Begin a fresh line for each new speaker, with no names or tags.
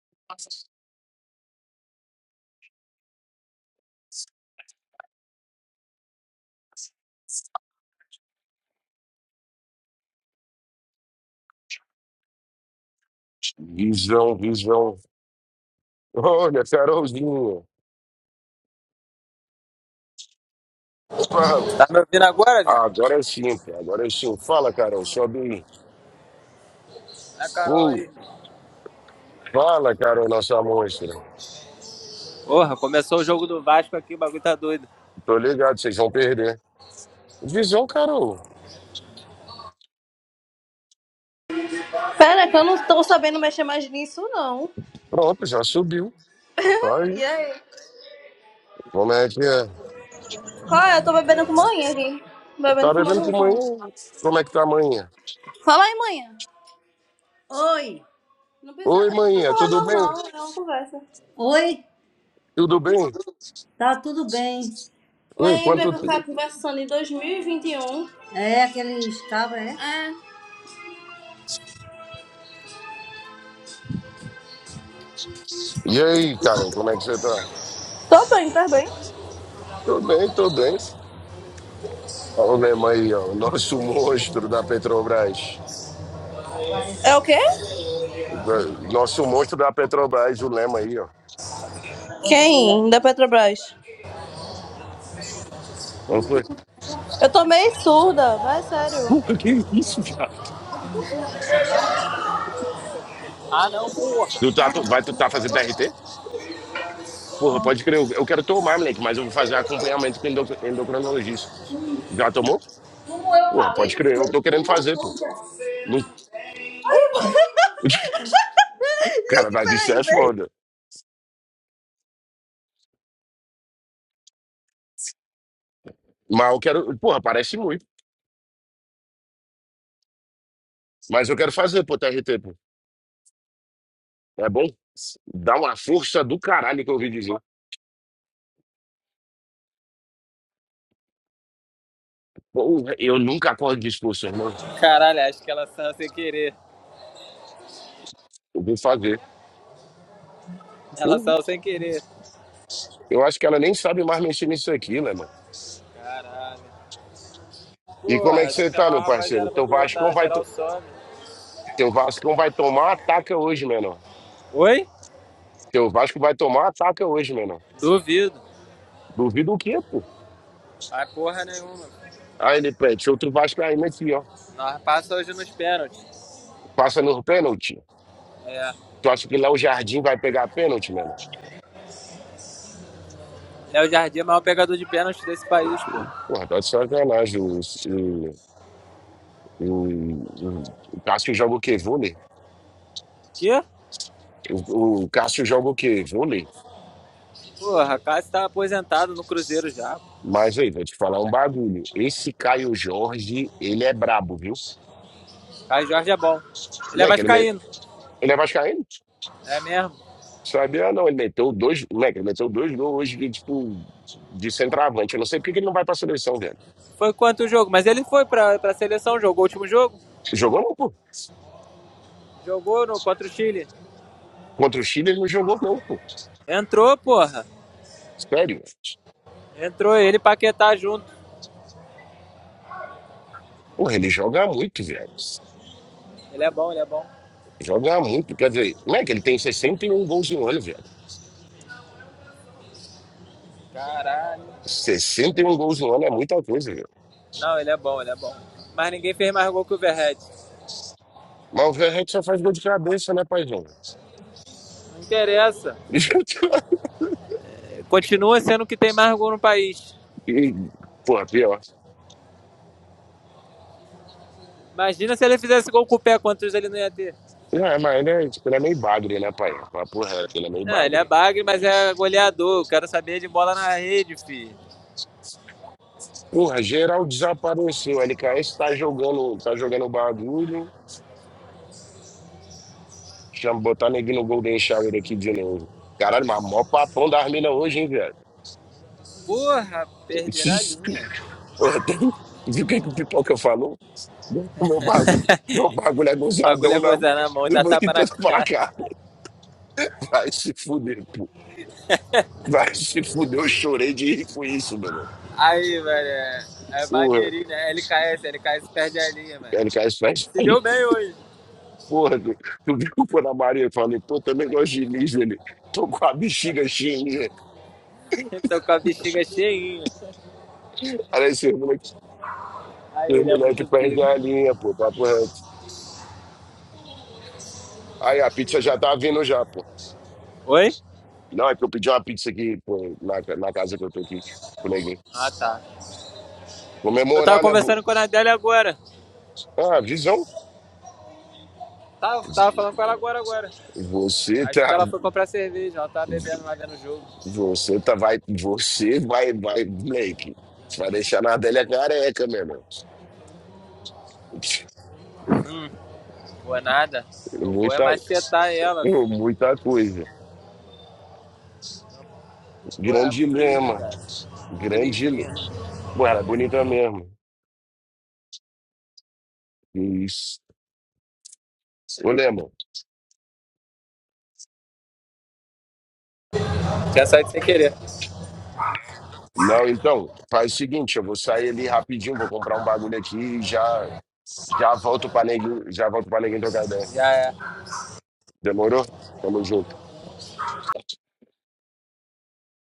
Visão, visão. Olha, Carolzinha. Fala.
Tá me ouvindo agora,
Ah,
viado?
agora é sim, cara. Agora é sim. Fala, Carol. Sobe aí.
É a Carol
Uh,
aí.
fala, Carol, nossa monstra.
Porra, começou o jogo do Vasco aqui, o bagulho tá doido.
Tô ligado, vocês vão perder. Visão, Carol.
Pera, é que eu não tô sabendo mexer mais nisso, não.
Pronto, já subiu. Tá aí.
E aí?
Como é que é?
Qual é? Eu tô bebendo com manhã aqui. Bebendo
Tá
com fumando
bebendo com
um pão.
manhã? Como é que tá manhã?
Fala aí, manhã. Oi, Não precisa.
Oi,
Não precisa
manhã,
falar
tudo bem?
normal, é uma conversa. oi,
Tudo bem?
tá tudo bem?
Oi,
Lembra que
quanto
eu
tempo?
ficava conversando em 2021? É aquele estava, é? É.
E aí, Carol, como é que você tá?
Tô bem, tá bem.
Tô bem, tô bem. Olha o Lema aí, ó, o nosso monstro da Petrobras.
É o quê?
É, Nosso monstro da Petrobras, o Lema aí, ó.
Quem? Da Petrobras.
Não foi?
Eu tô meio surda, vai, sério.
Porra, que isso, viado?
Ah, não, porra.
Tu tá, tu- vai, tu tá fazendo TRT? Porra, pode crer, eu, eu quero tomar, moleque, mas eu vou fazer acompanhamento com endocr- endocrinologista. Já tomou? Porra, pode crer, eu tô querendo fazer, pô. Não, cara,
Gente,
vai viciar
peraí,
é
peraí.
foda. Mas eu quero, porra, parece muito. Mas eu quero fazer, pô, TRT, pô. É bom? Dá uma força do caralho que eu ouvi dizer. Porra, eu nunca acordo disposto, irmão.
Caralho, acho que ela saiu sem querer.
Eu vou fazer.
Ela
Eu,
saiu sem querer.
eu acho que ela nem sabe mais mexer nisso aqui, né, mano?
Caralho.
E como é que
Porra, tem
você
que
tá,
chamar
meu
a
parceiro?
rapaziada pra
Teu Vascão
brotar,
vai,
geral
to-
some.
teu Vascão vai tomar ataca hoje, menor.
Oi?
Teu Vasco vai tomar ataca hoje, menor.
Duvido.
Duvido o quê, pô?
Vai porra nenhuma.
Aí ele pede, outro Vasco aí, aqui, ó.
Nós passa hoje nos pênaltis.
Passa no pênalti.
É.
Tu acha que lá o Jardim vai pegar pênalti, menor?
Léo Jardim é o maior pegador de pênaltis desse país, porra.
Porra, tá de sacanagem. O, o, o, o Cássio joga o quê? Vôlei?
Quê?
O, o Cássio joga o quê? Vôlei?
Porra, Cássio tá aposentado no Cruzeiro já.
Mas aí, vou te falar um bagulho. Esse Caio Jorge, ele é brabo, viu?
Caio Jorge é bom. Ele é
Não é que ele, é me-
vascaíno.
ele é vascaíno?
É mesmo.
Sabe? Ah, não, ele meteu dois, moleque, ele meteu dois gols hoje de, tipo, de centroavante. Eu não sei por que que ele não vai pra seleção, velho.
Foi quanto o jogo? Mas ele foi pra, pra seleção, jogou o último jogo?
Jogou não, pô.
Jogou no, contra o Chile.
Contra o Chile ele não jogou não, pô.
Entrou, porra.
Sério.
Entrou ele Paquetá junto.
Porra, ele joga muito, velho.
Ele é bom, ele é bom.
Joga muito. Quer dizer, moleque, ele tem 61 gols no ano, velho.
Caralho.
61 gols no ano é muita coisa, velho.
Não, ele é bom, ele é bom. Mas ninguém fez mais gol que o Verret.
Mas o Verret só faz gol de cabeça, né, paizão?
Não interessa. Continua sendo o que tem mais gol no país.
E, pô, pior.
Imagina se ele fizesse gol com o pé, quantos ele não ia ter?
Não, é, mas ele é, tipo, ele é meio bagre, né, pai? Papo reto, ele é meio
Não, ele
bagre.
é bagre, mas é goleador. Quero saber de bola na rede, filho.
Porra, geral desapareceu. LKS tá jogando, tá jogando o bagulho. Chama botar neguinho no Golden Shower aqui de novo. Caralho, mas mó papão das minas hoje, hein, velho?
Porra, perderá a linha.
Porra, tem... Viu o que que o Pipoca falou? Meu bagulho, meu bagulho é
O bagulho
gozadão
é
na...
coisa na mão e
Eu
dá
vou
tapa na
tentando falar,
cara.
cara, vai se fuder, pô. Vai se fuder, eu chorei de rir com isso, mano.
Aí, velho, é, é
Porra,
maneirinho, né? LKS, LKS perde a linha, mano.
LKS faz.
Se deu bem hoje.
Porra, tu, tu viu o Ana Maria? Eu falei, pô, também gosto de Diniz dele. Tô com a bexiga cheia.
Tô com a bexiga cheinha.
Aí esse moleque,
Aí,
esse
ele é
moleque
muito
perde
pica.
a linha, pô, papo reto. Aí a pizza já tá vindo já, pô.
Oi?
Não, é que eu pedi uma pizza aqui, pô, na, na casa que eu tô aqui, com ninguém.
Ah, tá. Eu tava
Comemorar, né? bo-
conversando com a Nadelli agora.
Ah, visão.
Tava, tava falando com ela agora, agora.
Você
Acho que
tá.
ela foi comprar cerveja, ela tava bebendo lá vendo o jogo.
Você tá. Vai. Você vai, vai, moleque. Você vai deixar na Adélia careca, meu irmão.
Boa nada. Eu vou é
Muita,
macetar ela.
muita coisa.
Pô, ela é
Grande
muito linda,
lema.
cara. Muito
Grande. le-
lindinha.
Pô, ela é bonita mesmo. Isso. Ô, Lema.
Tinha saído sem querer.
Não, então, faz o seguinte, eu vou sair ali rapidinho, vou comprar um bagulho aqui e já, já volto pra neguinho, já volto pra neguinho trocar ideia.
Já é.
Demorou? Tamo junto.